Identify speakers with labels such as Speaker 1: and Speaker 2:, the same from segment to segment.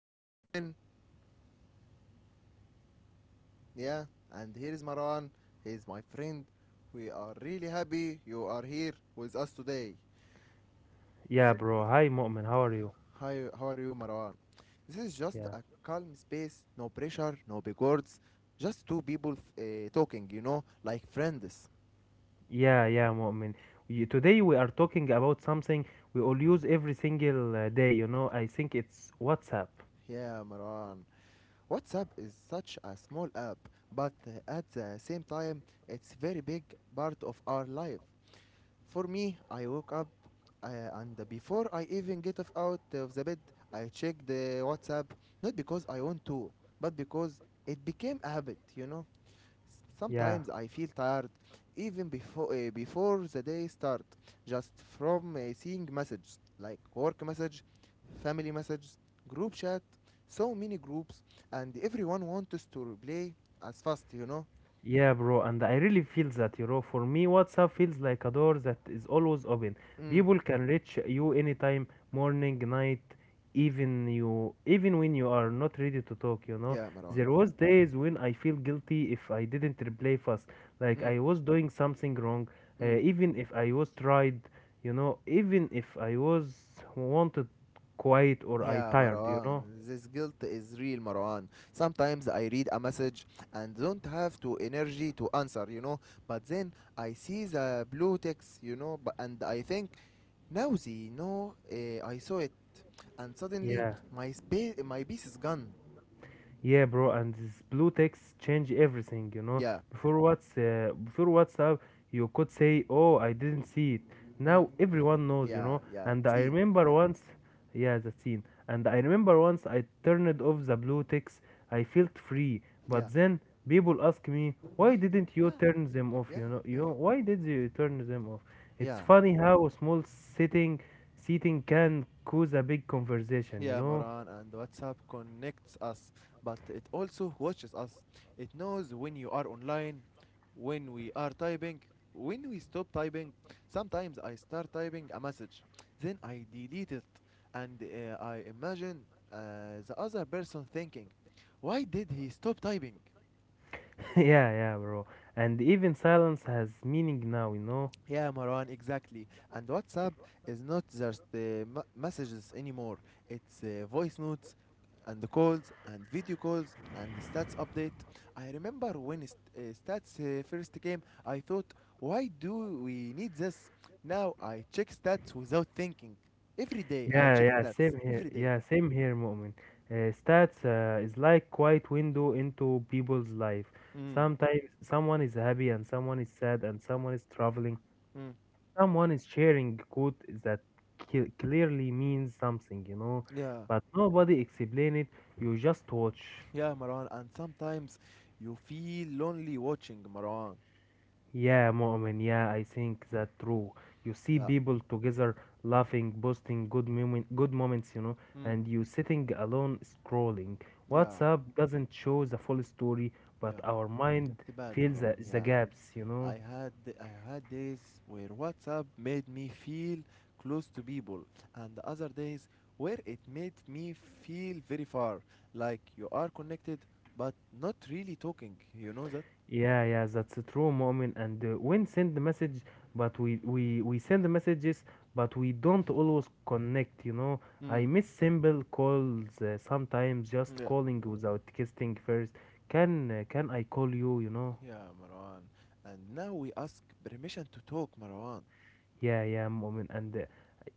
Speaker 1: I am Mu'min, yeah, and here is Marwan. He is my friend. We are really happy you are here with us today. Th-
Speaker 2: Yeah, bro. Hi, Mu'min. How are you?
Speaker 1: Hi, how are you, Marwan? This is just
Speaker 2: Yeah.
Speaker 1: a calm space, no pressure, no big words, just two people talking, you know, like friends.
Speaker 2: Yeah, yeah, Mu'min. Today we are talking about something we all use every single day. I think it's WhatsApp.
Speaker 1: Yeah, Marwan. WhatsApp is such a small app, but at the same time, it's very big part of our life. For me, I woke up uh, and before I even get of out of the bed, I check the WhatsApp, not because I want to, but because it became a habit, you know.
Speaker 2: Yeah.
Speaker 1: Sometimes I feel tired even before the day start, just from seeing messages like work message, family messages, group chat, so many groups, and everyone wants to reply as fast, you know.
Speaker 2: Yeah, bro, and I really feel that, for me, WhatsApp feels like a door that is always open.
Speaker 1: Mm,
Speaker 2: People can reach you anytime, morning, night, even you, even when you are not ready to talk.
Speaker 1: yeah, Marwan.
Speaker 2: There was days when I feel guilty if I didn't reply fast, like
Speaker 1: Mm,
Speaker 2: I was doing something wrong,
Speaker 1: mm.
Speaker 2: even if I was tried, even if I was wanted quiet or I
Speaker 1: Yeah,
Speaker 2: tired, you
Speaker 1: Marwan,
Speaker 2: know.
Speaker 1: this guilt is real, Marwan. Sometimes I read a message and don't have to energy to answer, you know. But then I see the blue text, you know, but, and I think, Nowzy, no, eh, I saw it, and suddenly
Speaker 2: Yeah.
Speaker 1: my piece is gone.
Speaker 2: Yeah, bro, and this blue text change everything.
Speaker 1: Yeah,
Speaker 2: Before what's before WhatsApp, you could say, "Oh, I didn't see it."
Speaker 1: mm,
Speaker 2: Now everyone knows, you
Speaker 1: yeah,
Speaker 2: know.
Speaker 1: yeah,
Speaker 2: And I
Speaker 1: seen.
Speaker 2: remember
Speaker 1: Yeah,
Speaker 2: once, yeah, the scene. And I remember once I turned off the blue text. I felt free,
Speaker 1: yeah.
Speaker 2: but then people ask me, "Why
Speaker 1: Why do?
Speaker 2: didn't
Speaker 1: Yeah,
Speaker 2: you turn them off?"
Speaker 1: yeah, yeah,
Speaker 2: Why did you turn them off? It's
Speaker 1: yeah.
Speaker 2: funny how a small seating can cause a big conversation, you
Speaker 1: Yeah,
Speaker 2: know.
Speaker 1: Maran, and WhatsApp connects us, but it also watches us. It knows when you are online, when we are typing, when we stop typing. Sometimes I start typing a message, then I delete it, and I imagine the other person thinking, why did he stop typing?
Speaker 2: Yeah, yeah, bro. And even silence has meaning now, you know?
Speaker 1: Yeah, Marwan, exactly. And WhatsApp is not just the messages anymore. It's voice notes and the calls and video calls and the stats update. I remember when stats first came, I thought, why do we need this? Now I check stats without thinking. Every day I
Speaker 2: Yeah,
Speaker 1: check
Speaker 2: yeah,
Speaker 1: stats.
Speaker 2: same here.
Speaker 1: Every day.
Speaker 2: Yeah, same here, Mu'min. Stats is like quiet window into people's life.
Speaker 1: Mm,
Speaker 2: Sometimes someone is happy and someone is sad and someone is traveling.
Speaker 1: mm.
Speaker 2: Someone is sharing quote that clearly means something, you know?
Speaker 1: Yeah,
Speaker 2: But nobody explain it. You just watch.
Speaker 1: yeah, Marwan. And sometimes you feel lonely watching, Marwan.
Speaker 2: Yeah, Mu'min, yeah, I think that true. You see
Speaker 1: Yeah.
Speaker 2: people together laughing, posting good moments,
Speaker 1: Mm,
Speaker 2: and you sitting alone scrolling.
Speaker 1: yeah,
Speaker 2: WhatsApp doesn't show the full story, but
Speaker 1: yeah.
Speaker 2: our mind
Speaker 1: It's bad,
Speaker 2: fills
Speaker 1: Marwan.
Speaker 2: the
Speaker 1: Yeah,
Speaker 2: gaps.
Speaker 1: I had I had days where WhatsApp made me feel close to people, and other days where it made me feel very far, like you are connected but not really talking. You know that?
Speaker 2: Yeah, yeah, that's a true moment. And when send message, but we send messages, but we don't always connect. I
Speaker 1: Mm.
Speaker 2: miss simple calls sometimes. Just
Speaker 1: Yeah.
Speaker 2: calling without texting first. Can I call you? You know.
Speaker 1: Yeah, Marwan. And now we ask permission to talk, Marwan.
Speaker 2: Yeah, yeah, moment. And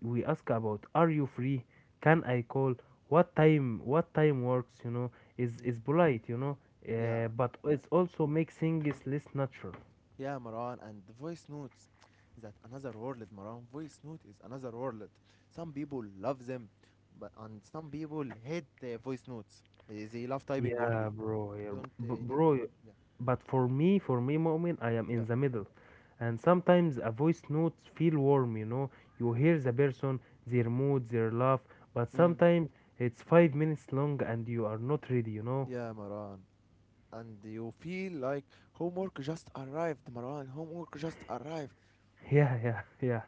Speaker 2: we ask about are you free? Can I call? What time? What time works? Is polite. You know,
Speaker 1: Yeah.
Speaker 2: but
Speaker 1: Yeah.
Speaker 2: it's also makes things less natural.
Speaker 1: Yeah, Maran, and the voice notes. That another world, Maran. Voice note is another world. Some people love them, but and some people hate voice notes. They love typing
Speaker 2: Yeah,
Speaker 1: only.
Speaker 2: bro. Yeah,
Speaker 1: Don't need
Speaker 2: bro.
Speaker 1: to. Yeah.
Speaker 2: But for me, moment, I am
Speaker 1: Yeah.
Speaker 2: in the middle. And sometimes a voice notes feel warm, you know. You hear the person, their mood, their laugh. But
Speaker 1: Mm.
Speaker 2: sometimes it's 5 minutes long and you are not ready.
Speaker 1: Yeah, Maran. And you feel like homework just arrived, Maran. Homework just arrived.
Speaker 2: Yeah, yeah, yeah,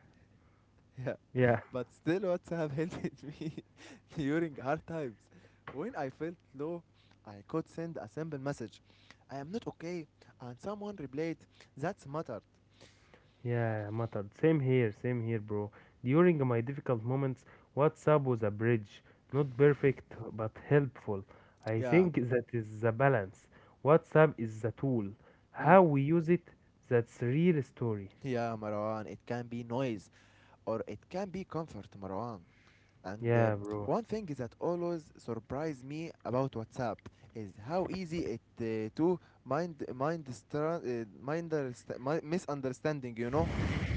Speaker 1: Yeah,
Speaker 2: yeah,
Speaker 1: but still, WhatsApp helped me during hard times. When I felt low, I could send a simple message I am not okay, and someone replied, that's mattered.
Speaker 2: yeah, mattered. Same here, bro. During my difficult moments, WhatsApp was a bridge. Not perfect, but helpful. I
Speaker 1: Yeah.
Speaker 2: think that is the balance. WhatsApp is the tool.
Speaker 1: Mm.
Speaker 2: How we use it, that's real story.
Speaker 1: Yeah, Marwan, it can be noise or it can be comfort, Marwan. And
Speaker 2: Yeah, bro.
Speaker 1: one thing that always surprised me about WhatsApp is how easy it to mind misunderstanding. You know,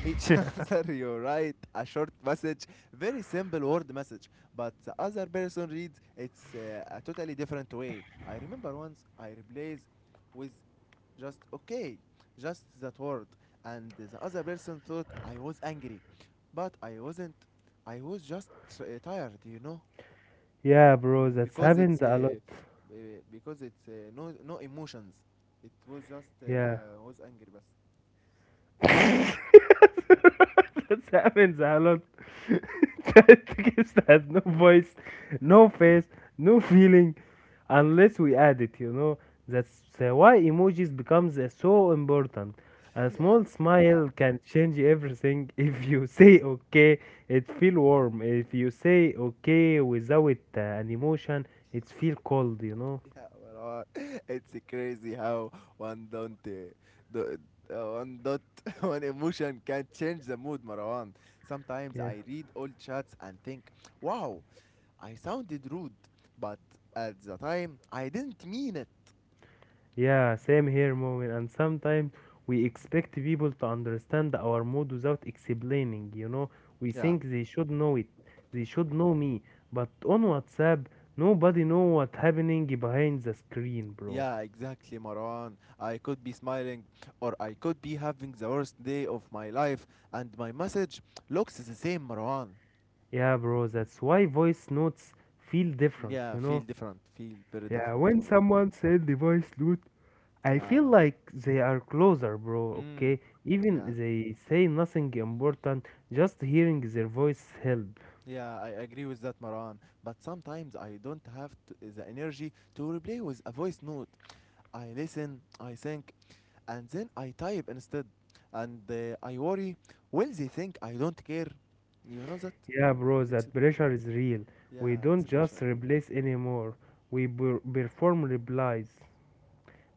Speaker 1: each other. You write a short message, very simple word message, but the other person reads it's a totally different way. I remember once I replaced with just okay, just that word. And the other person thought I was angry, but I wasn't. I was just tired, you know.
Speaker 2: Yeah, bro.
Speaker 1: Mm.
Speaker 2: That
Speaker 1: Because it's
Speaker 2: happens a lot.
Speaker 1: no emotions. It was just
Speaker 2: Yeah.
Speaker 1: I was angry, but
Speaker 2: that happens a lot. That Tactics has no voice, no face, no feeling, unless we add it. You know. That's why emojis becomes so important. A
Speaker 1: yeah,
Speaker 2: small
Speaker 1: yeah,
Speaker 2: smile can change everything. If you say okay, it feel warm. If you say okay without an emotion, it feel cold. You know.
Speaker 1: yeah, Marwan. It's crazy how one don't do, one dot one emotion can change the mood, Marwan. Sometimes
Speaker 2: Yeah.
Speaker 1: I read old chats and think, wow, I sounded rude, but at the time I didn't mean it.
Speaker 2: Yeah, same here, moment. And sometimes we expect people to understand our mood without explaining, you know? We
Speaker 1: Yeah,
Speaker 2: think they should know it. They should know me. But on WhatsApp, nobody know what's happening behind the screen, bro.
Speaker 1: yeah, exactly, Marwan. I could be smiling, or I could be having the worst day of my life, and my message looks the same, Marwan.
Speaker 2: Yeah, bro, that's why voice notes feel different,
Speaker 1: Yeah,
Speaker 2: you
Speaker 1: feel
Speaker 2: know?
Speaker 1: different, feel very
Speaker 2: Yeah,
Speaker 1: different,
Speaker 2: when
Speaker 1: Marwan.
Speaker 2: someone send the voice note, I feel
Speaker 1: Yeah,
Speaker 2: like they are closer, bro,
Speaker 1: mm,
Speaker 2: okay?
Speaker 1: yeah,
Speaker 2: Even they say nothing important, just hearing their voice help.
Speaker 1: yeah, I agree with that, Marwan. But sometimes I don't have to, the energy to replay with a voice note. I listen, I think, and then I type instead, and I worry, will they think I don't care? You know that?
Speaker 2: Yeah, bro,
Speaker 1: It's
Speaker 2: that pressure is real. We
Speaker 1: yeah, it's
Speaker 2: don't
Speaker 1: a pressure.
Speaker 2: just replace anymore. We perform replies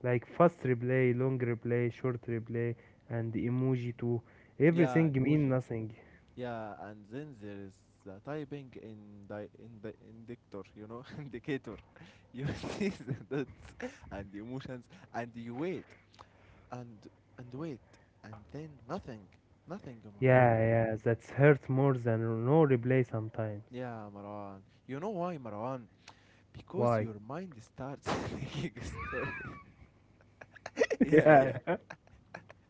Speaker 2: like fast replay, long replay, short replay, and emoji too.
Speaker 1: Yeah,
Speaker 2: Everything mean
Speaker 1: emoji.
Speaker 2: nothing.
Speaker 1: Yeah, and then there is the typing in the indicator. You know, indicator. You see the dots and the emotions, and you wait and and wait, and then nothing, nothing, Marwan.
Speaker 2: Yeah, yeah, that hurts more than no replay sometimes.
Speaker 1: Yeah, Marwan. You know why, Marwan? Because
Speaker 2: Why?
Speaker 1: your mind starts making stories. Yeah,
Speaker 2: yeah.
Speaker 1: yeah.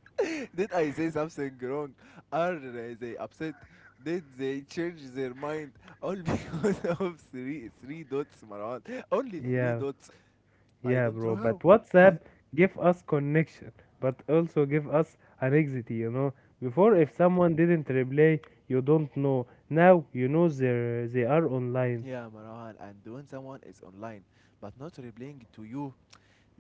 Speaker 1: Did I say something wrong? Are they upset? Did they change their mind? All because of three dots, Marwan. Only three
Speaker 2: Yeah,
Speaker 1: dots. I
Speaker 2: yeah,
Speaker 1: don't know
Speaker 2: bro, but
Speaker 1: how.
Speaker 2: WhatsApp give us connection, but also give us anxiety. Before,
Speaker 1: Yeah,
Speaker 2: if someone didn't reply, you don't know. Now you know they are online.
Speaker 1: yeah, Marwan. And when someone is online but not replying to you,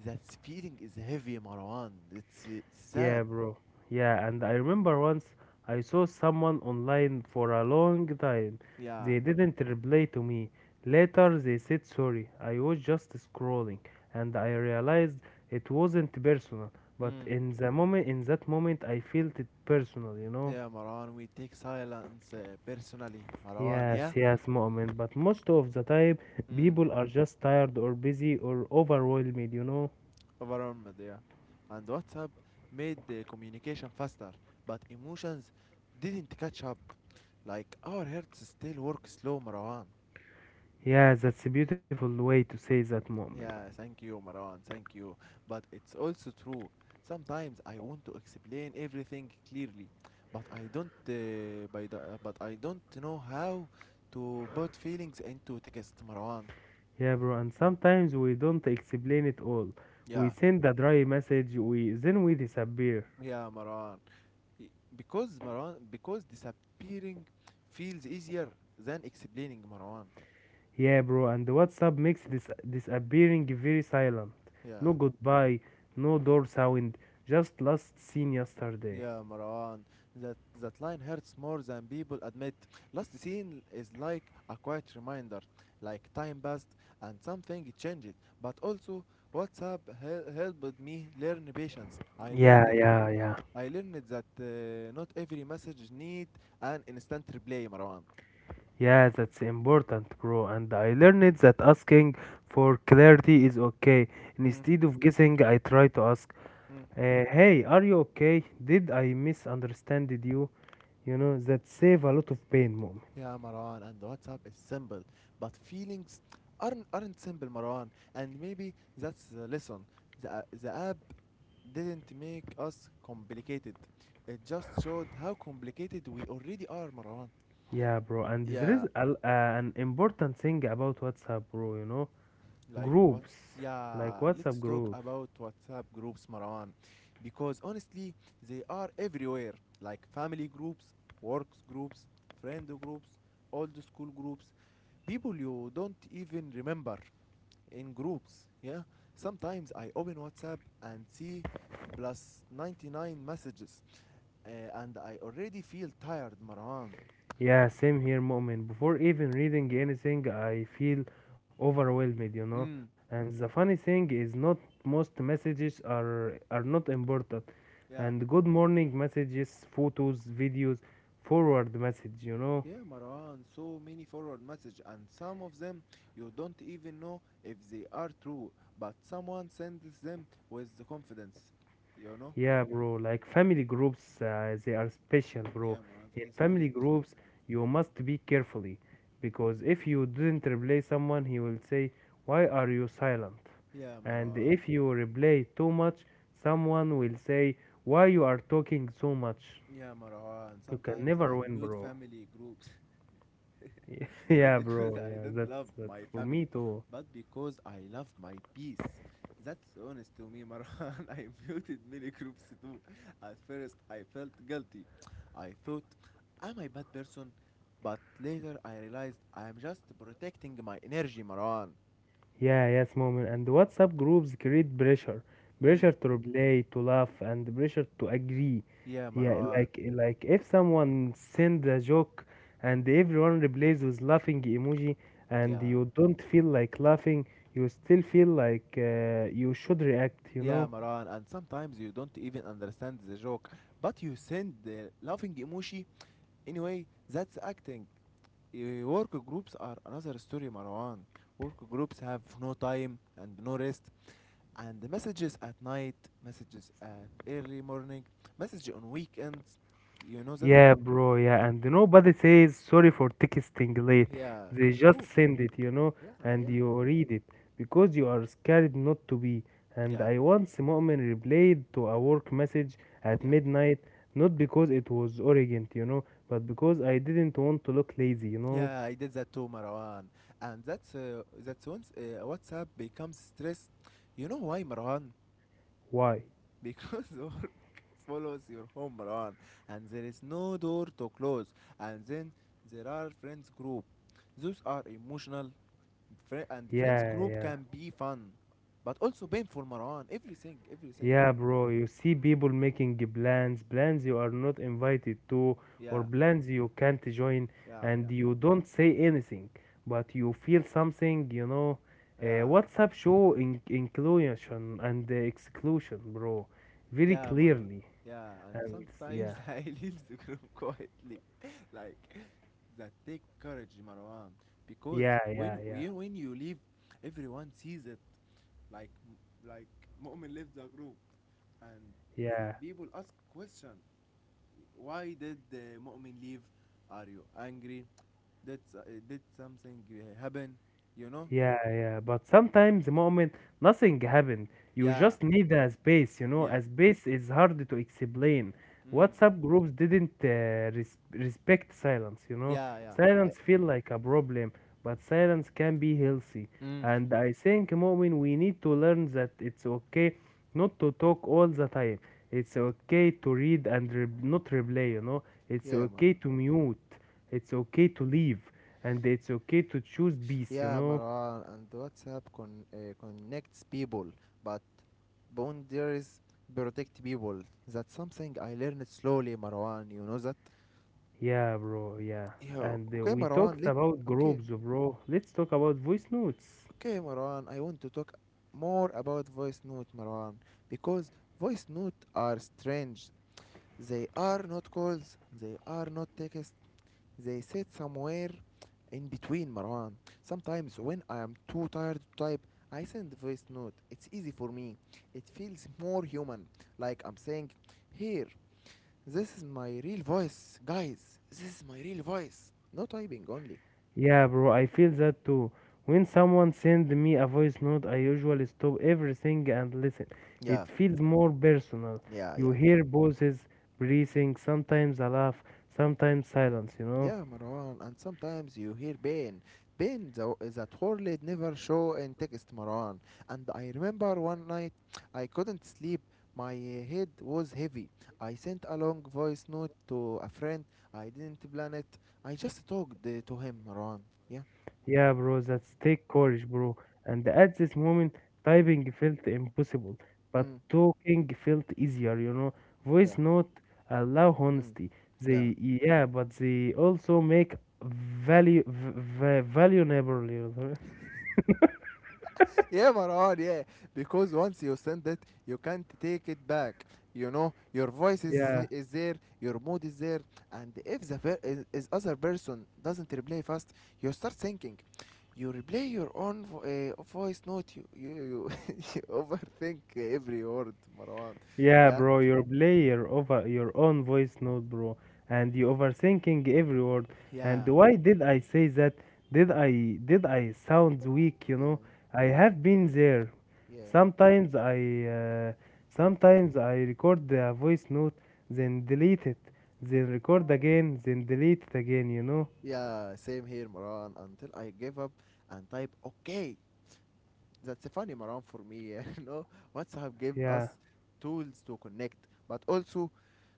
Speaker 1: that feeling is heavy, Marwan. It's
Speaker 2: Yeah,
Speaker 1: sad.
Speaker 2: bro. Yeah, and I remember once I saw someone online for a long time.
Speaker 1: Yeah.
Speaker 2: They didn't reply to me. Later, they said sorry. I was just scrolling, and I realized it wasn't personal. But
Speaker 1: Mm.
Speaker 2: in the moment, in that moment, I felt it personal.
Speaker 1: Yeah, Marwan. We take silence personally, Marwan. Yeah.
Speaker 2: Yes, yes, Mu'min. But most of the time,
Speaker 1: Mm.
Speaker 2: people are just tired or busy or overwhelmed, you know?
Speaker 1: Overwhelmed, yeah. And WhatsApp made the communication faster, but emotions didn't catch up. Like our hearts still work slow, Marwan.
Speaker 2: Yeah, that's a beautiful way to say that, Mu'min.
Speaker 1: Yeah, thank you, Marwan, thank you. But it's also true. Sometimes I want to explain everything clearly, but I don't. But I don't know how to put feelings into text, Marwan.
Speaker 2: Yeah, bro, and sometimes we don't explain it all. We
Speaker 1: Yeah,
Speaker 2: send a dry message, we then we disappear.
Speaker 1: yeah, Marwan. Because Marwan, because disappearing feels easier than explaining Marwan.
Speaker 2: Yeah, bro, and WhatsApp makes this disappearing very silent.
Speaker 1: Yeah,
Speaker 2: No goodbye, no door sound, just last seen yesterday.
Speaker 1: yeah, Marwan. That that line hurts more than people admit. Last scene is like a quiet reminder, like time passed and something changed. But also, WhatsApp helped me learn patience.
Speaker 2: Yeah, yeah, yeah.
Speaker 1: I learned that not every message need an instant reply, Marwan.
Speaker 2: Yeah, that's important, bro. And I learned that asking for clarity is okay.
Speaker 1: Mm,
Speaker 2: Instead of guessing, I try to ask,
Speaker 1: mm.
Speaker 2: "Hey, are you okay? Did I misunderstand you?" That save a lot of pain, mom.
Speaker 1: Yeah, Marwan, and WhatsApp is simple, but feelings aren't simple, Marwan. And maybe that's the lesson. The app didn't make us complicated. It just showed how complicated we already are, Marwan.
Speaker 2: Yeah, bro. And there is
Speaker 1: Yeah,
Speaker 2: an important thing about WhatsApp, bro. You know,
Speaker 1: like what?
Speaker 2: groups like
Speaker 1: Yeah,
Speaker 2: WhatsApp
Speaker 1: let's talk
Speaker 2: groups.
Speaker 1: about WhatsApp groups, Marwan, because honestly, they are everywhere. Like family groups, works groups, friend groups, old school groups, people you don't even remember. In groups. Yeah, sometimes I open WhatsApp and see plus 99 messages, and I already feel tired, Marwan.
Speaker 2: Yeah, same here, Mu'min. Before even reading anything, I feel overwhelmed.
Speaker 1: Mm,
Speaker 2: And the funny thing is, not most messages are not important.
Speaker 1: yeah,
Speaker 2: And good morning messages, photos, videos, forward message.
Speaker 1: yeah, Marwan. So many forward messages, and some of them you don't even know if they are true, but someone sends them with the confidence. You know?
Speaker 2: Yeah, bro, like family groups, they are special, bro.
Speaker 1: Yeah, Marwan,
Speaker 2: In
Speaker 1: very, very
Speaker 2: family
Speaker 1: special.
Speaker 2: groups,
Speaker 1: Yeah.
Speaker 2: you must be carefully because if you didn't replay someone, he will say, "Why are you silent?"
Speaker 1: Yeah,
Speaker 2: And
Speaker 1: Marwan.
Speaker 2: if you replay too much, someone will say, "Why you are talking so much?"
Speaker 1: Yeah, Marwan.
Speaker 2: You can
Speaker 1: Sometimes
Speaker 2: never
Speaker 1: I
Speaker 2: win,
Speaker 1: mute
Speaker 2: bro.
Speaker 1: family groups not
Speaker 2: Yeah,
Speaker 1: because
Speaker 2: bro.
Speaker 1: I
Speaker 2: Yeah,
Speaker 1: don't love
Speaker 2: that's
Speaker 1: my
Speaker 2: for
Speaker 1: family,
Speaker 2: me too.
Speaker 1: but because I love my peace. That's honest to me, Marwan. I muted many groups too. At first, I felt guilty. I thought, am I bad person? But later, I realized I am just protecting my energy, Marwan.
Speaker 2: Yeah, yes, moment. And the WhatsApp groups create pressure,
Speaker 1: Mm.
Speaker 2: pressure to reply, to laugh, and pressure to agree.
Speaker 1: Yeah,
Speaker 2: Yeah,
Speaker 1: Marwan.
Speaker 2: like if someone send a joke and everyone replies with laughing emoji, and
Speaker 1: Yeah.
Speaker 2: you don't feel like laughing, you still feel like you should react. You
Speaker 1: Yeah,
Speaker 2: know?
Speaker 1: Marwan. And sometimes you don't even understand the joke, but you send the laughing emoji. Anyway, that's acting. Eh, work groups are another story, Marwan. Work groups have no time and no rest, and the messages at night, messages at early morning, message on weekends. You know that?
Speaker 2: Yeah, bro, yeah, and nobody says sorry for texting late.
Speaker 1: Yeah,
Speaker 2: They
Speaker 1: it's a
Speaker 2: just
Speaker 1: group.
Speaker 2: send it,
Speaker 1: Yeah,
Speaker 2: and
Speaker 1: yeah.
Speaker 2: you read it because you are scared not to be. And
Speaker 1: Yeah,
Speaker 2: I once moment replied to a work message at
Speaker 1: yeah,
Speaker 2: midnight, not because it was urgent, but because I didn't want to look lazy.
Speaker 1: yeah. I did that too, Marwan. And that's once WhatsApp becomes stress. You know why, Marwan?
Speaker 2: Why?
Speaker 1: Because work follows your home run and there is no door to close and then there are friends group those are emotional friends
Speaker 2: Yeah,
Speaker 1: group
Speaker 2: yeah.
Speaker 1: can be fun but also painful Marwan everything everything.
Speaker 2: Yeah, bro, you see people making plans, plans you are not invited to, or
Speaker 1: Yeah
Speaker 2: plans you can't join,
Speaker 1: yeah
Speaker 2: and
Speaker 1: yeah
Speaker 2: you don't say anything, but you feel something.
Speaker 1: yeah
Speaker 2: WhatsApp show inclusion and exclusion, bro, very
Speaker 1: Yeah, Maran.
Speaker 2: clearly.
Speaker 1: Yeah, and
Speaker 2: And
Speaker 1: sometimes
Speaker 2: yeah,
Speaker 1: I leave the group quietly. Like, that take courage, Marwan. Because
Speaker 2: yeah, yeah, yeah,
Speaker 1: when you leave, everyone sees it. Like, like Mu'min left the group. And then
Speaker 2: yeah.
Speaker 1: people ask question. Why did the Mu'min leave? Are you angry? Did something happen? You know?
Speaker 2: Yeah, yeah, but sometimes, the moment nothing happened. You
Speaker 1: Yeah,
Speaker 2: just need a space.
Speaker 1: yeah.
Speaker 2: A space is hard to explain.
Speaker 1: Mm.
Speaker 2: WhatsApp groups didn't respect silence.
Speaker 1: Yeah, yeah. I,
Speaker 2: Silence feel like a problem, but silence can be healthy.
Speaker 1: mm.
Speaker 2: And I think, moment we need to learn that it's okay not to talk all the time. It's okay to read and not replay. It's
Speaker 1: Yeah, Maran.
Speaker 2: okay to mute. It's okay to leave, and it's okay to choose peace, you
Speaker 1: Yeah,
Speaker 2: know.
Speaker 1: Maran, and connects people, but boundaries protect people. That's something I learned slowly, Marwan. You know that?
Speaker 2: Yeah, bro, yeah.
Speaker 1: Yeah,
Speaker 2: And
Speaker 1: okay,
Speaker 2: we
Speaker 1: Marwan.
Speaker 2: talked
Speaker 1: Let
Speaker 2: about
Speaker 1: okay,
Speaker 2: groups, bro. Let's talk about voice notes.
Speaker 1: okay, Marwan. I want to talk more about voice note, Marwan, because voice note are strange. They are not calls. They are not text. They sit somewhere in between, Marwan. Sometimes when I am too tired to type, I send a voice note. It's easy for me. It feels more human. Like I'm saying, here, this is my real voice, guys. This is my real voice. No typing only.
Speaker 2: Yeah, bro, I feel that too. When someone sends me a voice note, I usually stop everything and listen. It
Speaker 1: Yeah,
Speaker 2: feels more personal.
Speaker 1: yeah,
Speaker 2: You
Speaker 1: yeah.
Speaker 2: hear voices, breathing, sometimes a laugh, sometimes silence, you know?
Speaker 1: Yeah, Marwan, and sometimes you hear pain. That word never show in text, Marwan. And I remember one night I couldn't sleep. My head was heavy. I sent a long voice note to a friend. I didn't plan it. I just talked to him, Marwan. Yeah.
Speaker 2: Yeah, bro, that's take courage, bro. And at this moment, typing felt impossible, but
Speaker 1: Mm.
Speaker 2: talking felt easier. Voice
Speaker 1: Yeah.
Speaker 2: note allow
Speaker 1: Mm.
Speaker 2: honesty.
Speaker 1: Yeah.
Speaker 2: Yeah, but they also make valuable.
Speaker 1: Yeah, Marwan, yeah. Because once you send it, you can't take it back. You know,
Speaker 2: Yeah.
Speaker 1: is there, your mood is there, and if the is other person doesn't reply fast, you start thinking. You replay your own voice note. You you overthink every word, Marwan.
Speaker 2: Yeah,
Speaker 1: Yeah,
Speaker 2: bro, you play your over your own voice note, bro, and you overthinking every word.
Speaker 1: yeah,
Speaker 2: And why did I say that? Did I sound weak? You know,
Speaker 1: yeah,
Speaker 2: I have been there.
Speaker 1: yeah,
Speaker 2: Sometimes I uh, sometimes I record the voice note, then delete it, then record again, then delete it again. You know?
Speaker 1: yeah. Same here, Marwan. Until I give up and type okay, that's a funny Maran for me. you know, WhatsApp gave
Speaker 2: Yeah.
Speaker 1: us tools to connect, but also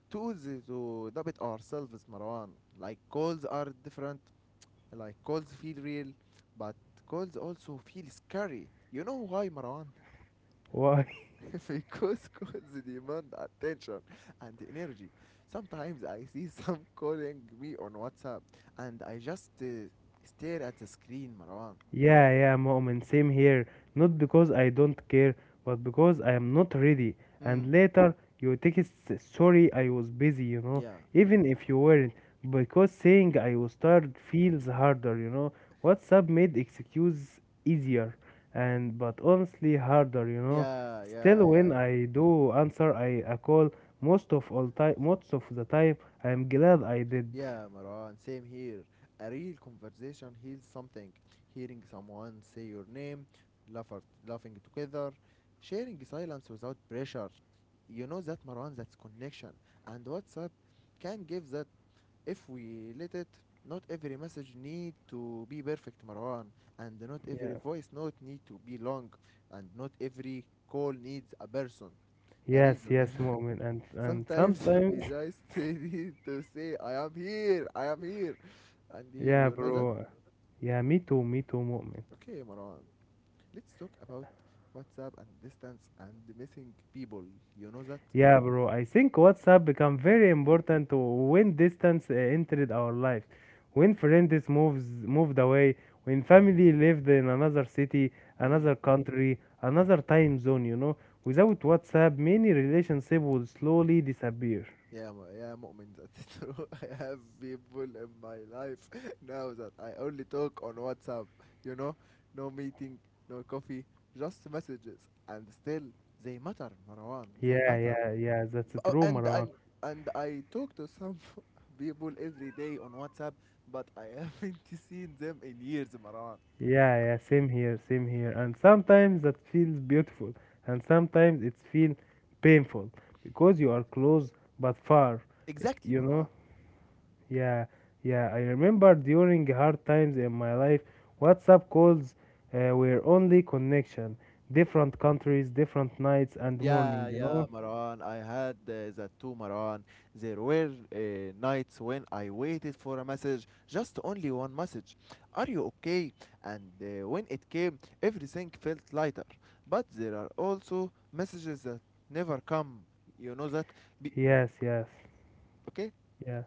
Speaker 1: tools to debit ourselves, Marwan. Like calls are different, like calls feel real, but calls also feel scary. You know why, Marwan?
Speaker 2: Why?
Speaker 1: Because calls demand attention and energy. Sometimes I see some calling me on WhatsApp and I just stare at the screen, Marwan.
Speaker 2: Yeah, yeah, Mu'min, same here. Not because I don't care, but because I am not ready. And
Speaker 1: Mm,
Speaker 2: later you text, sorry, I was busy,
Speaker 1: yeah.
Speaker 2: even if you weren't, because saying I was tired feels harder. WhatsApp made excuse easier, and but honestly harder.
Speaker 1: Yeah, yeah,
Speaker 2: Still,
Speaker 1: yeah,
Speaker 2: when I do answer I a call, most of the time, I am glad I did.
Speaker 1: yeah, Marwan, same here. A real conversation heals something. Hearing someone say your name, laugher, laughing together, sharing silence without pressure. You know that, Marwan, that's connection. And WhatsApp can give that if we let it. Not every message need to be perfect, Marwan, and not every
Speaker 2: Yeah.
Speaker 1: voice note need to be long, and not every call needs a person, a
Speaker 2: Yes,
Speaker 1: reason.
Speaker 2: yes, Mu'min, and
Speaker 1: Sometimes we
Speaker 2: sometimes.
Speaker 1: just need to say, I am here, and here,
Speaker 2: Yeah,
Speaker 1: you know that?
Speaker 2: bro. Yeah, me too, Mu'min.
Speaker 1: Okay, Marwan, let's talk about WhatsApp and distance and missing people, you know that?
Speaker 2: Yeah, bro. I think WhatsApp become
Speaker 1: Mm.
Speaker 2: very important when distance entered our life. When friends moves moved away, when family lived in another city,
Speaker 1: Mm.
Speaker 2: another country, another time zone. Without WhatsApp, many relationships would slowly disappear.
Speaker 1: Yeah, yeah, Mu'min, that's true. I have people in my life now that I only talk on WhatsApp, you know? No meeting, no coffee, just messages, and still, they matter, Marwan, they
Speaker 2: Yeah,
Speaker 1: matter.
Speaker 2: yeah, yeah. That's
Speaker 1: Uh,
Speaker 2: true,
Speaker 1: and
Speaker 2: Marwan.
Speaker 1: and and I talk to some people every day on WhatsApp, but I haven't seen them in years, Maran.
Speaker 2: Yeah, yeah, same here, same here. And sometimes that feels beautiful, and sometimes it feels painful because you are close but far,
Speaker 1: Exactly,
Speaker 2: you know?
Speaker 1: Maran.
Speaker 2: Yeah, yeah. I remember during hard times in my life, WhatsApp calls were only connection, different countries, different nights and morning,
Speaker 1: Yeah,
Speaker 2: you
Speaker 1: yeah,
Speaker 2: know?
Speaker 1: Maran. I had that too, Maran. There were nights when I waited for a message, just only one message. Are you okay? And when it came, everything felt lighter. But there are also messages that never come. You know that? Be-
Speaker 2: Yes, yes.
Speaker 1: okay?
Speaker 2: Yeah,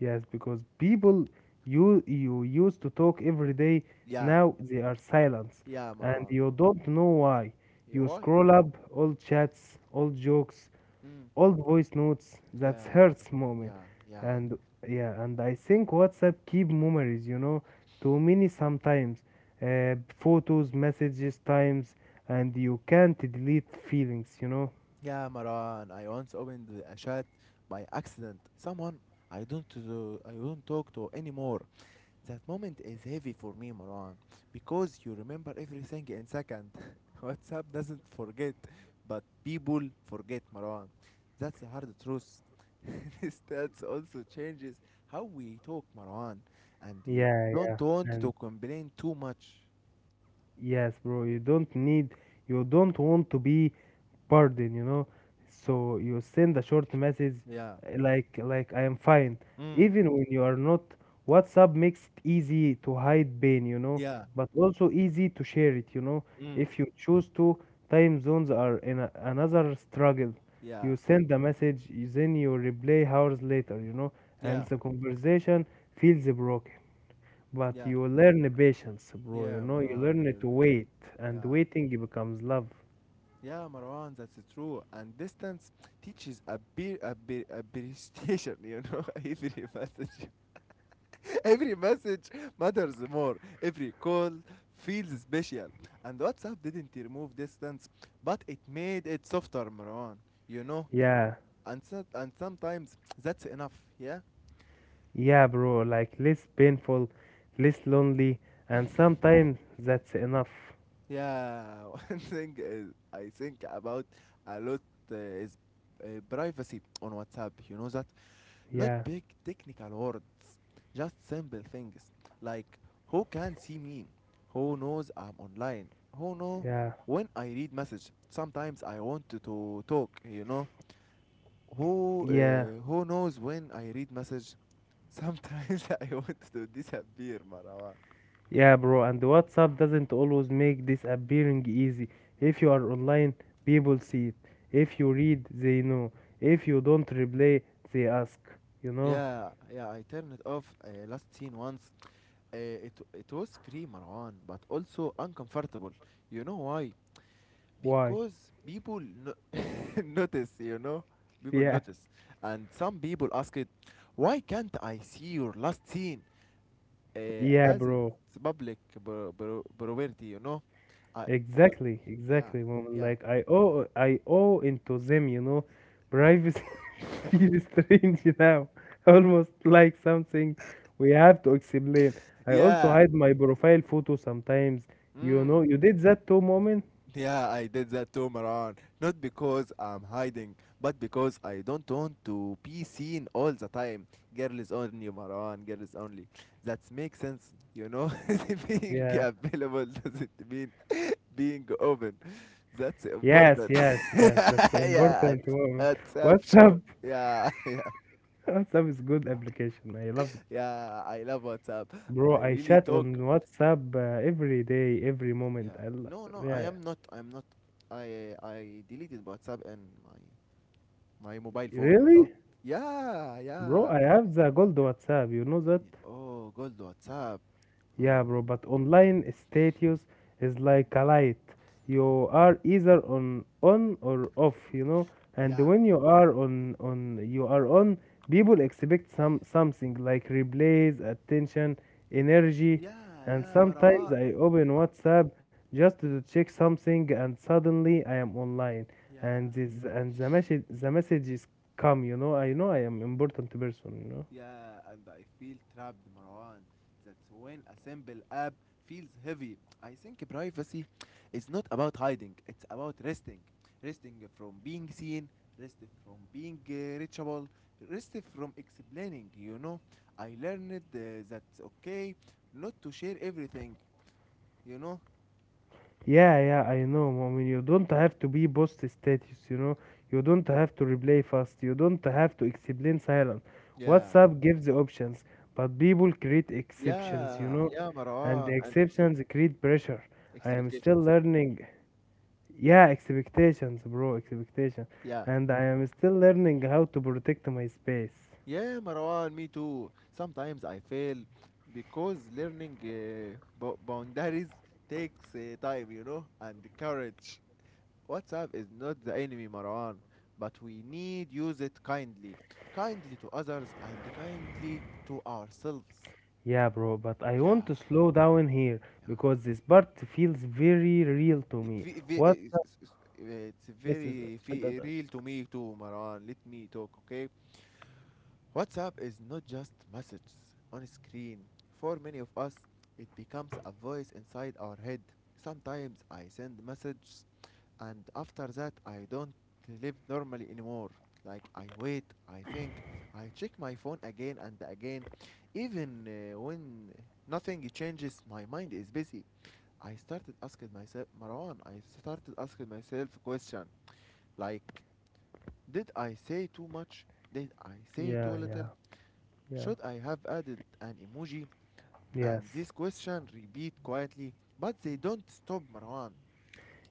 Speaker 2: yes, because people you used to talk every day,
Speaker 1: Yeah,
Speaker 2: now they are silent,
Speaker 1: yeah,
Speaker 2: and
Speaker 1: Maran.
Speaker 2: you don't know why.
Speaker 1: Yeah,
Speaker 2: You
Speaker 1: why?
Speaker 2: scroll up old chats, old jokes,
Speaker 1: Mm,
Speaker 2: old voice notes. That
Speaker 1: yeah,
Speaker 2: hurts moment,
Speaker 1: yeah, yeah.
Speaker 2: and yeah, and I think WhatsApp keep memories. You know, too many sometimes, photos, messages, times, and you can't delete feelings. You know.
Speaker 1: Yeah, Maran, I once opened a chat by accident. Someone I don't talk to anymore. That moment is heavy for me, Maran, because you remember everything in second. WhatsApp doesn't forget, but people forget, Maran. That's the hard truth. This That also changes how we talk, Maran, and you
Speaker 2: Yeah,
Speaker 1: don't
Speaker 2: yeah,
Speaker 1: want to
Speaker 2: and
Speaker 1: complain too much.
Speaker 2: Yes, bro, you don't need, you don't want to be pardoned, you know. So you send a short message
Speaker 1: Yeah.
Speaker 2: like I am fine.
Speaker 1: Mm.
Speaker 2: Even when you are not, WhatsApp makes it easy to hide pain, you know,
Speaker 1: Yeah.
Speaker 2: but also easy to share it, you know.
Speaker 1: Mm.
Speaker 2: If you choose to, time zones are in a, another struggle.
Speaker 1: Yeah.
Speaker 2: You send a message, then you reply hours later, you know, and
Speaker 1: Yeah,
Speaker 2: the conversation feels broken. But
Speaker 1: yeah,
Speaker 2: you learn patience, bro. You
Speaker 1: yeah,
Speaker 2: know, you
Speaker 1: Marwan.
Speaker 2: learn
Speaker 1: You,
Speaker 2: to wait, and
Speaker 1: yeah,
Speaker 2: waiting becomes love.
Speaker 1: yeah, Marwan. That's true. And distance teaches a bit, a bit, a bit. Station. Every message, every message matters more. Every call feels special. And WhatsApp didn't remove distance, but it made it softer, Marwan. You know,
Speaker 2: Yeah,
Speaker 1: and sometimes that's enough. Yeah.
Speaker 2: yeah, bro. Like less painful, less lonely, and sometimes that's enough.
Speaker 1: Yeah, one thing is I think about a lot is privacy on WhatsApp. You know that? Not
Speaker 2: Yeah,
Speaker 1: big technical words, just simple things like who can see me, who knows I'm online, who know
Speaker 2: yeah,
Speaker 1: when I read message. Sometimes I want to talk. You know who
Speaker 2: yeah,
Speaker 1: uh, who knows when I read message. Sometimes I want to disappear, Marwa.
Speaker 2: yeah, bro. And WhatsApp doesn't always make this appearing easy. If you are online, people see it. If you read, they know. If you don't reply, they ask. You know
Speaker 1: Yeah, yeah, I turned it off last scene once. Uh, it was free, Marwan, but also uncomfortable. You know why?
Speaker 2: why?
Speaker 1: Because people notice, you know? People
Speaker 2: Yeah,
Speaker 1: notice. And some people ask it, why can't I see your last scene? Uh,
Speaker 2: yeah,
Speaker 1: as
Speaker 2: bro.
Speaker 1: it's public property, you know? I, l-
Speaker 2: Exactly,
Speaker 1: yeah,
Speaker 2: exactly, woman.
Speaker 1: yeah,
Speaker 2: Like I owe into them, you know. Privacy feels strange now, almost like something we have to explain. I also
Speaker 1: yeah.
Speaker 2: hide my profile photo sometimes. You know,
Speaker 1: Mm.
Speaker 2: you did that too, moment.
Speaker 1: Yeah, I did that too, Maran. Not because I'm hiding, but because I don't want to be seen all the time. Girls only, Maran, girls only. That makes sense, you know? Being
Speaker 2: Yeah.
Speaker 1: available doesn't mean being open. That's
Speaker 2: Yes,
Speaker 1: important.
Speaker 2: yes, yes. That's
Speaker 1: Yeah,
Speaker 2: important, moment.
Speaker 1: WhatsApp short.
Speaker 2: WhatsApp,
Speaker 1: Yeah, yeah,
Speaker 2: WhatsApp is good application. I love it,
Speaker 1: yeah, I love WhatsApp. I
Speaker 2: bro. I
Speaker 1: really
Speaker 2: chat on
Speaker 1: talk.
Speaker 2: WhatsApp every day, every moment.
Speaker 1: Yeah,
Speaker 2: I lo-
Speaker 1: no, no, I
Speaker 2: yeah.
Speaker 1: am not, I'm not. I deleted WhatsApp and my mobile phone, you know?
Speaker 2: Really?
Speaker 1: Yeah,
Speaker 2: Bro,
Speaker 1: yeah.
Speaker 2: I have the gold WhatsApp, you know that?
Speaker 1: Oh, gold WhatsApp.
Speaker 2: Yeah,
Speaker 1: Oh.
Speaker 2: bro, but online status is like a light. You are either on or off, you know? And
Speaker 1: Yeah,
Speaker 2: when you are on you are on, people expect some something like replays, attention, energy,
Speaker 1: yeah,
Speaker 2: and
Speaker 1: yeah,
Speaker 2: sometimes
Speaker 1: Marwan.
Speaker 2: I open WhatsApp just to check something and suddenly I am online and
Speaker 1: Yeah,
Speaker 2: this and the message the messages come, you know? I know I am important person, you know?
Speaker 1: yeah, and I feel trapped, Marwan. That's when a simple app feels heavy. I think privacy is not about hiding, it's about resting. Resting from being seen, rest from being reachable, rest from explaining. I learned that okay not to share everything, you know?
Speaker 2: Yeah, yeah, I know. I mean, you don't have to be post status, you know. You don't have to reply fast. You don't have to explain silent.
Speaker 1: Yeah.
Speaker 2: WhatsApp gives the options, but people create exceptions, you
Speaker 1: Yeah,
Speaker 2: know.
Speaker 1: yeah,
Speaker 2: And the
Speaker 1: Marwan, and
Speaker 2: exceptions create pressure. I am still
Speaker 1: expectations.
Speaker 2: learning. Yeah, expectations, bro, expectation.
Speaker 1: Yeah,
Speaker 2: And I am still learning how to protect my space.
Speaker 1: yeah, Marwan, me too. Sometimes I fail because learning bo boundaries takes time, and courage. WhatsApp is not the enemy, Marwan, but we need use it kindly, kindly to others and kindly to ourselves.
Speaker 2: Yeah, bro, but I
Speaker 1: Yeah,
Speaker 2: want to slow down here
Speaker 1: yeah.
Speaker 2: because this part feels very real to
Speaker 1: It,
Speaker 2: me.
Speaker 1: fe- fe-
Speaker 2: What
Speaker 1: it's
Speaker 2: is
Speaker 1: very real to me too, Marwan. Let me talk, okay? WhatsApp is not just messages on a screen. For many of us, it becomes a voice inside our head. Sometimes I send messages and after that I don't live normally anymore. Like I wait, I think, I check my phone again and again. Even when nothing changes, my mind is busy. I started asking myself, Marwan, I started asking myself a question like, did I say too much? Did I say
Speaker 2: Yeah,
Speaker 1: too little?
Speaker 2: yeah, yeah.
Speaker 1: Should I have added an emoji?
Speaker 2: Yes.
Speaker 1: And this question repeat quietly, but they don't stop Marwan.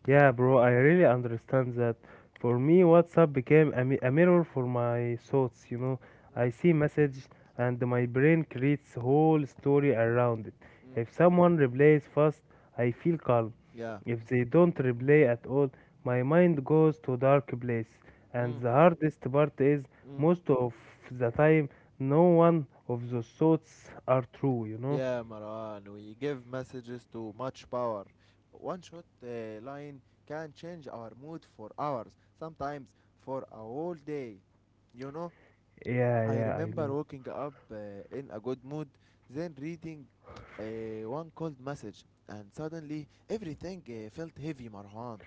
Speaker 2: Yeah, bro, I really understand that. For me, WhatsApp became a mirror for my thoughts, you know.
Speaker 1: Mm.
Speaker 2: I see message and my brain creates whole story around it.
Speaker 1: Mm,
Speaker 2: If someone replies fast, I feel calm.
Speaker 1: yeah.
Speaker 2: If they don't reply at all, my mind goes to dark place. And
Speaker 1: Mm,
Speaker 2: the hardest part is
Speaker 1: mm.
Speaker 2: most of the time no one of those thoughts are true, you know?
Speaker 1: Yeah, Marwan, we give messages too much power. One short line can change our mood for hours, sometimes for a whole day. You know,
Speaker 2: Yeah,
Speaker 1: I
Speaker 2: yeah, I
Speaker 1: remember
Speaker 2: know.
Speaker 1: waking up in a good mood, then reading one cold message, and suddenly everything felt heavy, Marwan.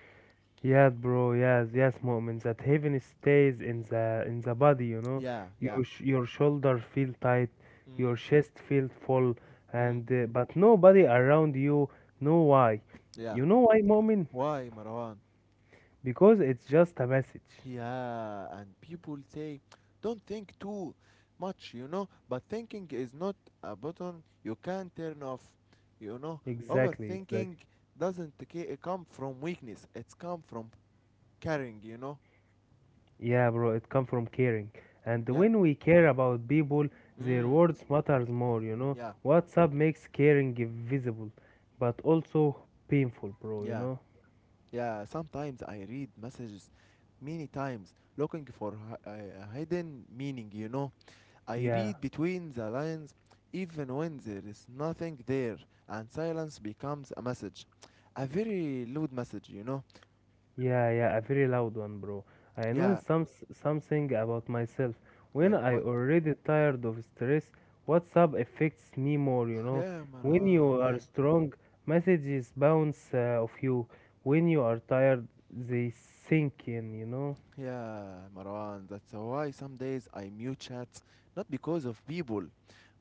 Speaker 2: Yes, bro. Yes, yes, moment. That heaven stays in the body. You know,
Speaker 1: Yeah, yeah.
Speaker 2: your your shoulder feel tight, your
Speaker 1: Mm,
Speaker 2: chest feel full,
Speaker 1: mm.
Speaker 2: and but nobody around you know why.
Speaker 1: Yeah.
Speaker 2: You know why, moment?
Speaker 1: Why, Marwan?
Speaker 2: Because it's just a message.
Speaker 1: Yeah, and people say, don't think too much, but thinking is not a button you can turn off, you know.
Speaker 2: Exactly, exactly.
Speaker 1: Overthinking doesn't come from weakness, it's come from caring.
Speaker 2: Yeah, bro. It come from caring, and
Speaker 1: Yeah.
Speaker 2: when we care about people, their
Speaker 1: Mm,
Speaker 2: words matters more. You know,
Speaker 1: yeah,
Speaker 2: WhatsApp makes caring visible, but also painful, bro. You
Speaker 1: yeah,
Speaker 2: know.
Speaker 1: yeah. Sometimes I read messages many times looking for a hidden meaning. I
Speaker 2: Yeah.
Speaker 1: read between the lines even when there is nothing there, and silence becomes a message. A very loud message, you know?
Speaker 2: Yeah, yeah, a very loud one, bro. I
Speaker 1: Yeah,
Speaker 2: noticed something about myself. When
Speaker 1: like
Speaker 2: I
Speaker 1: what?
Speaker 2: already tired of stress, WhatsApp affects me more, you know.
Speaker 1: Yeah,
Speaker 2: When
Speaker 1: Marwan,
Speaker 2: you are
Speaker 1: yeah.
Speaker 2: strong, messages bounce off you. When you are tired, they sink in, you know.
Speaker 1: Yeah, Marwan, that's why some days I mute chats, not because of people,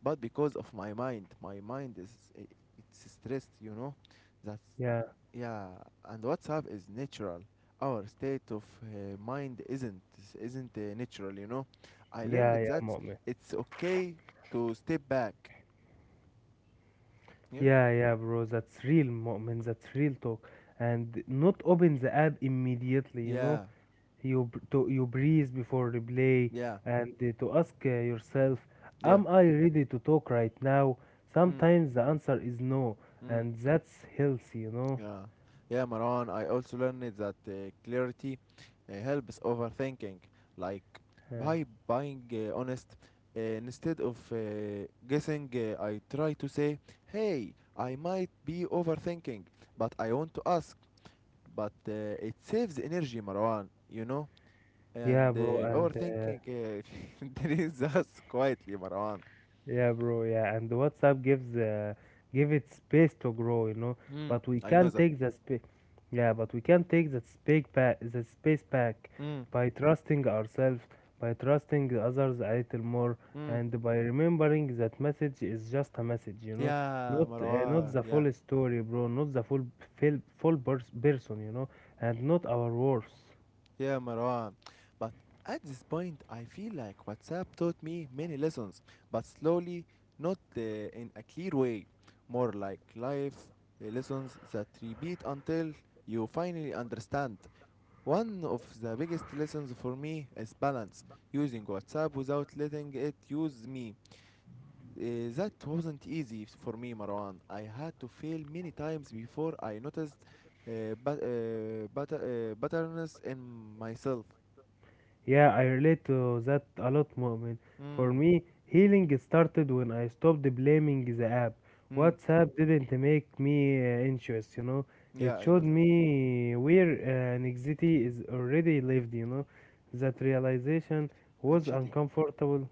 Speaker 1: but because of my mind. My mind is I- it's stressed. That's
Speaker 2: Yeah,
Speaker 1: Yeah, and WhatsApp is natural. Our state of mind isn't natural. I learned
Speaker 2: yeah, yeah,
Speaker 1: that
Speaker 2: moment.
Speaker 1: it's okay to step back. Yeah,
Speaker 2: Yeah, yeah, bro, that's real moment, that's real talk. And not open the app immediately, you know.
Speaker 1: yeah,
Speaker 2: You b- to you breathe before replay
Speaker 1: yeah,
Speaker 2: and to ask yourself,
Speaker 1: yeah.
Speaker 2: am I ready to talk right now?
Speaker 1: Mm,
Speaker 2: Sometimes the answer is no,
Speaker 1: mm.
Speaker 2: and that's healthy, you know.
Speaker 1: Yeah, yeah, Maran. I also learned that clarity helps overthinking, like
Speaker 2: Uh,
Speaker 1: by buying honest. Instead of guessing, I try to say, "Hey, I might be overthinking, but I want to ask." But it saves energy, Marwan. You know,
Speaker 2: yeah,
Speaker 1: and
Speaker 2: bro, and uh,
Speaker 1: overthinking drains us quietly, Marwan.
Speaker 2: Yeah, bro. Yeah, and WhatsApp gives give it space to grow, you know.
Speaker 1: Mm,
Speaker 2: But we
Speaker 1: I know
Speaker 2: can
Speaker 1: that.
Speaker 2: take the space. Yeah, but we can take that space back.
Speaker 1: Mm,
Speaker 2: By trusting ourselves, by trusting the others a little more,
Speaker 1: mm.
Speaker 2: and by remembering that message is just a message, you know,
Speaker 1: Yeah,
Speaker 2: not
Speaker 1: Marwan.
Speaker 2: the
Speaker 1: Yeah.
Speaker 2: full story, bro, not the full person, you know, and not our worth.
Speaker 1: Yeah, Marwan. But at this point, I feel like WhatsApp taught me many lessons, but slowly, not in a clear way. More like life lessons that repeat until you finally understand. One of the biggest lessons for me is balance, using WhatsApp without letting it use me. That wasn't easy for me, Marwan. I had to fail many times before I noticed patterns in myself.
Speaker 2: Yeah, I relate to that a lot, Mu'min. For
Speaker 1: Mm.
Speaker 2: me, healing started when I stopped blaming the app.
Speaker 1: Mm.
Speaker 2: WhatsApp didn't make me anxious, you know. It
Speaker 1: Yeah, I
Speaker 2: showed
Speaker 1: know that.
Speaker 2: me where anxiety is already lived, you know. That realization
Speaker 1: And
Speaker 2: was
Speaker 1: shitty.
Speaker 2: uncomfortable,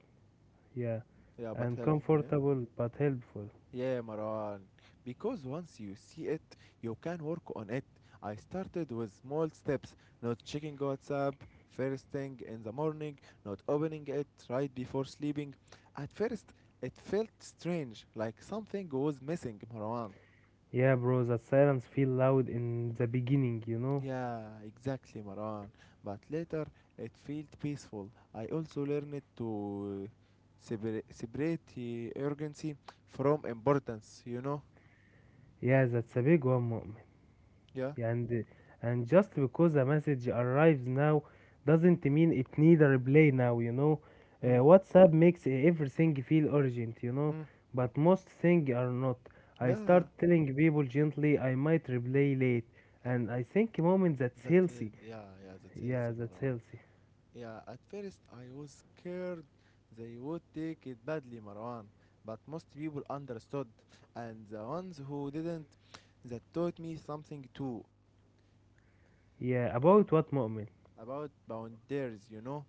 Speaker 2: yeah,
Speaker 1: Yeah, but helpful, yeah?
Speaker 2: uncomfortable but helpful.
Speaker 1: Yeah, Marwan. Because once you see it, you can work on it. I started with small steps, not checking WhatsApp first thing in the morning, not opening it right before sleeping. At first, it felt strange, like something was missing, Marwan.
Speaker 2: Yeah, bro, that silence feel loud in the beginning, you know.
Speaker 1: Yeah, exactly, Maran. But later it felt peaceful. I also learned to separate urgency from importance, you know?
Speaker 2: Yeah, that's a big one,
Speaker 1: Yeah.
Speaker 2: and and just because a message arrives now doesn't mean it need a reply now, you know.
Speaker 1: Mm.
Speaker 2: WhatsApp makes everything feel urgent, you know,
Speaker 1: Mm.
Speaker 2: but most things are not. I
Speaker 1: Yeah.
Speaker 2: start telling people gently I might reply late, and I think moment that's
Speaker 1: That's it.
Speaker 2: healthy.
Speaker 1: Yeah, yeah, that's it,
Speaker 2: Yeah, that's
Speaker 1: Marwan.
Speaker 2: healthy.
Speaker 1: Yeah, at first I was scared they would take it badly, Marwan. But most people understood, and the ones who didn't, that taught me something too
Speaker 2: Yeah, about what moment?
Speaker 1: about boundaries, you know?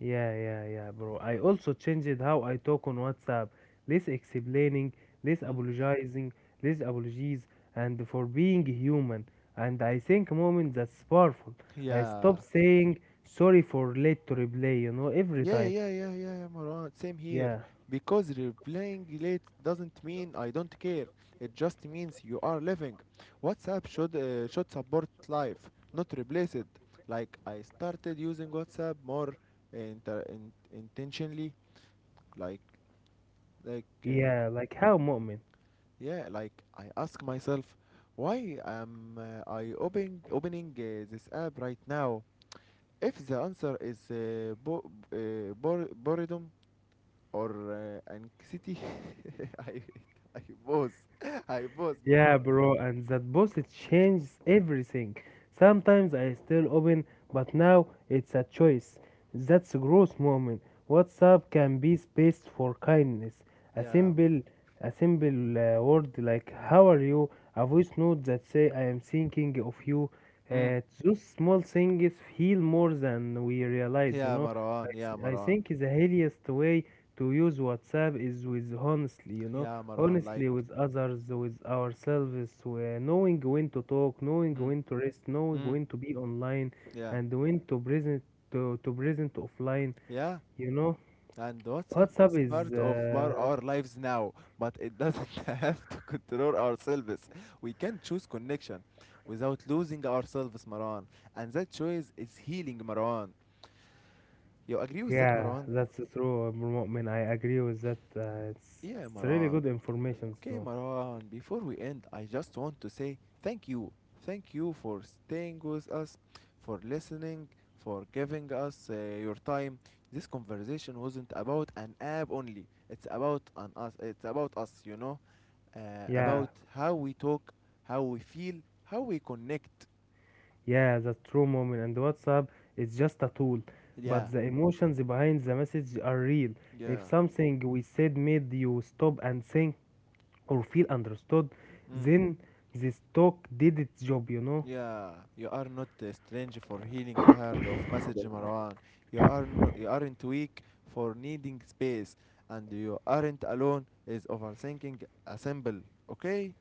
Speaker 2: Yeah, yeah, yeah, bro. I also changed how I talk on WhatsApp. Less explaining, less
Speaker 1: Mm.
Speaker 2: apologizing, less apologies, and for being human. And I think moment that's powerful. I stop
Speaker 1: Yeah,
Speaker 2: saying sorry for late to replay, you know, every
Speaker 1: yeah,
Speaker 2: time.
Speaker 1: yeah, yeah, yeah, Marwan. Same here.
Speaker 2: Yeah,
Speaker 1: Because replying late doesn't mean I don't care. It just means you are living. WhatsApp should support life, not replace it. Like I started using WhatsApp more intentionally. Like like uh,
Speaker 2: yeah, like how moment.
Speaker 1: yeah, like I ask myself, why am I opening this app right now? If the answer is boredom or anxiety, I I both, I both,
Speaker 2: Yeah,
Speaker 1: Marwan.
Speaker 2: bro, and that boss it changes everything. Sometimes I still open, but now it's a choice. That's a growth moment. WhatsApp can be space for kindness. A
Speaker 1: Yeah.
Speaker 2: simple, a simple word like "How are you?" A voice note that say "I am thinking of you."
Speaker 1: Mm.
Speaker 2: Those small things feel more than we realize. You
Speaker 1: Yeah,
Speaker 2: know,
Speaker 1: Marwan. Yeah,
Speaker 2: I
Speaker 1: Marwan.
Speaker 2: think the healthiest way to use WhatsApp is with honestly. You know,
Speaker 1: Yeah, Marwan, like.
Speaker 2: honestly with others, with ourselves, knowing when to talk, knowing
Speaker 1: Mm.
Speaker 2: when to rest, knowing
Speaker 1: Mm.
Speaker 2: when to be online,
Speaker 1: Yeah,
Speaker 2: and when to present to present offline.
Speaker 1: yeah,
Speaker 2: You know,
Speaker 1: and WhatsApp
Speaker 2: WhatsApp
Speaker 1: is
Speaker 2: is
Speaker 1: part of our lives now, but it doesn't have to control ourselves. We can choose connection without losing ourselves, Marwan, and that choice is healing, Marwan. You agree with that,
Speaker 2: yeah,
Speaker 1: Marwan?
Speaker 2: that's true. Abdul Mu'min, I agree with that. It's
Speaker 1: Yeah,
Speaker 2: it's really
Speaker 1: Marwan.
Speaker 2: good information.
Speaker 1: Okay,
Speaker 2: No,
Speaker 1: Marwan, before we end, I just want to say thank you. Thank you for staying with us, for listening, for giving us your time. This conversation wasn't about an app only. It's about an us. It's about us,
Speaker 2: yeah,
Speaker 1: about how we talk, how we feel, how we connect.
Speaker 2: yeah, that's true, moment. And WhatsApp is just a tool,
Speaker 1: Yeah,
Speaker 2: but the emotions behind the message are real. If
Speaker 1: yeah.
Speaker 2: something we said made you stop and think, or feel understood,
Speaker 1: Mm.
Speaker 2: then this talk did its job, you know?
Speaker 1: Yeah, you are not a stranger for healing tired of message, Marwan. You aren't weak for needing space, and you aren't alone is overthinking a symbol. Okay?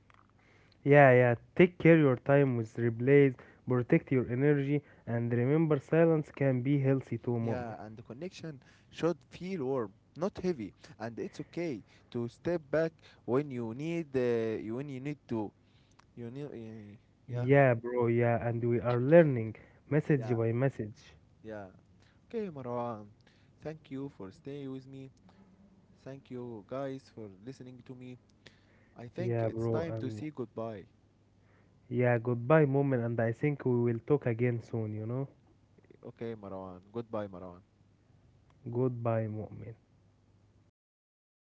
Speaker 2: Yeah, yeah. Take care your time with replays, protect your energy, and remember silence can be healthy too,
Speaker 1: Yeah,
Speaker 2: moment.
Speaker 1: and the connection should feel warm, not heavy, and it's okay to step back when you need when you need to. You need, uh, yeah,
Speaker 2: Yeah, bro, yeah, and we are learning message
Speaker 1: yeah,
Speaker 2: by message.
Speaker 1: yeah. Okay, Marwan. Thank you for staying with me. Thank you guys for listening to me. I think
Speaker 2: Yeah,
Speaker 1: it's
Speaker 2: bro,
Speaker 1: time to
Speaker 2: and
Speaker 1: say goodbye.
Speaker 2: yeah, goodbye, moment, and I think we will talk again soon, you know?
Speaker 1: Okay, Marwan. Goodbye, Marwan.
Speaker 2: Goodbye, moment.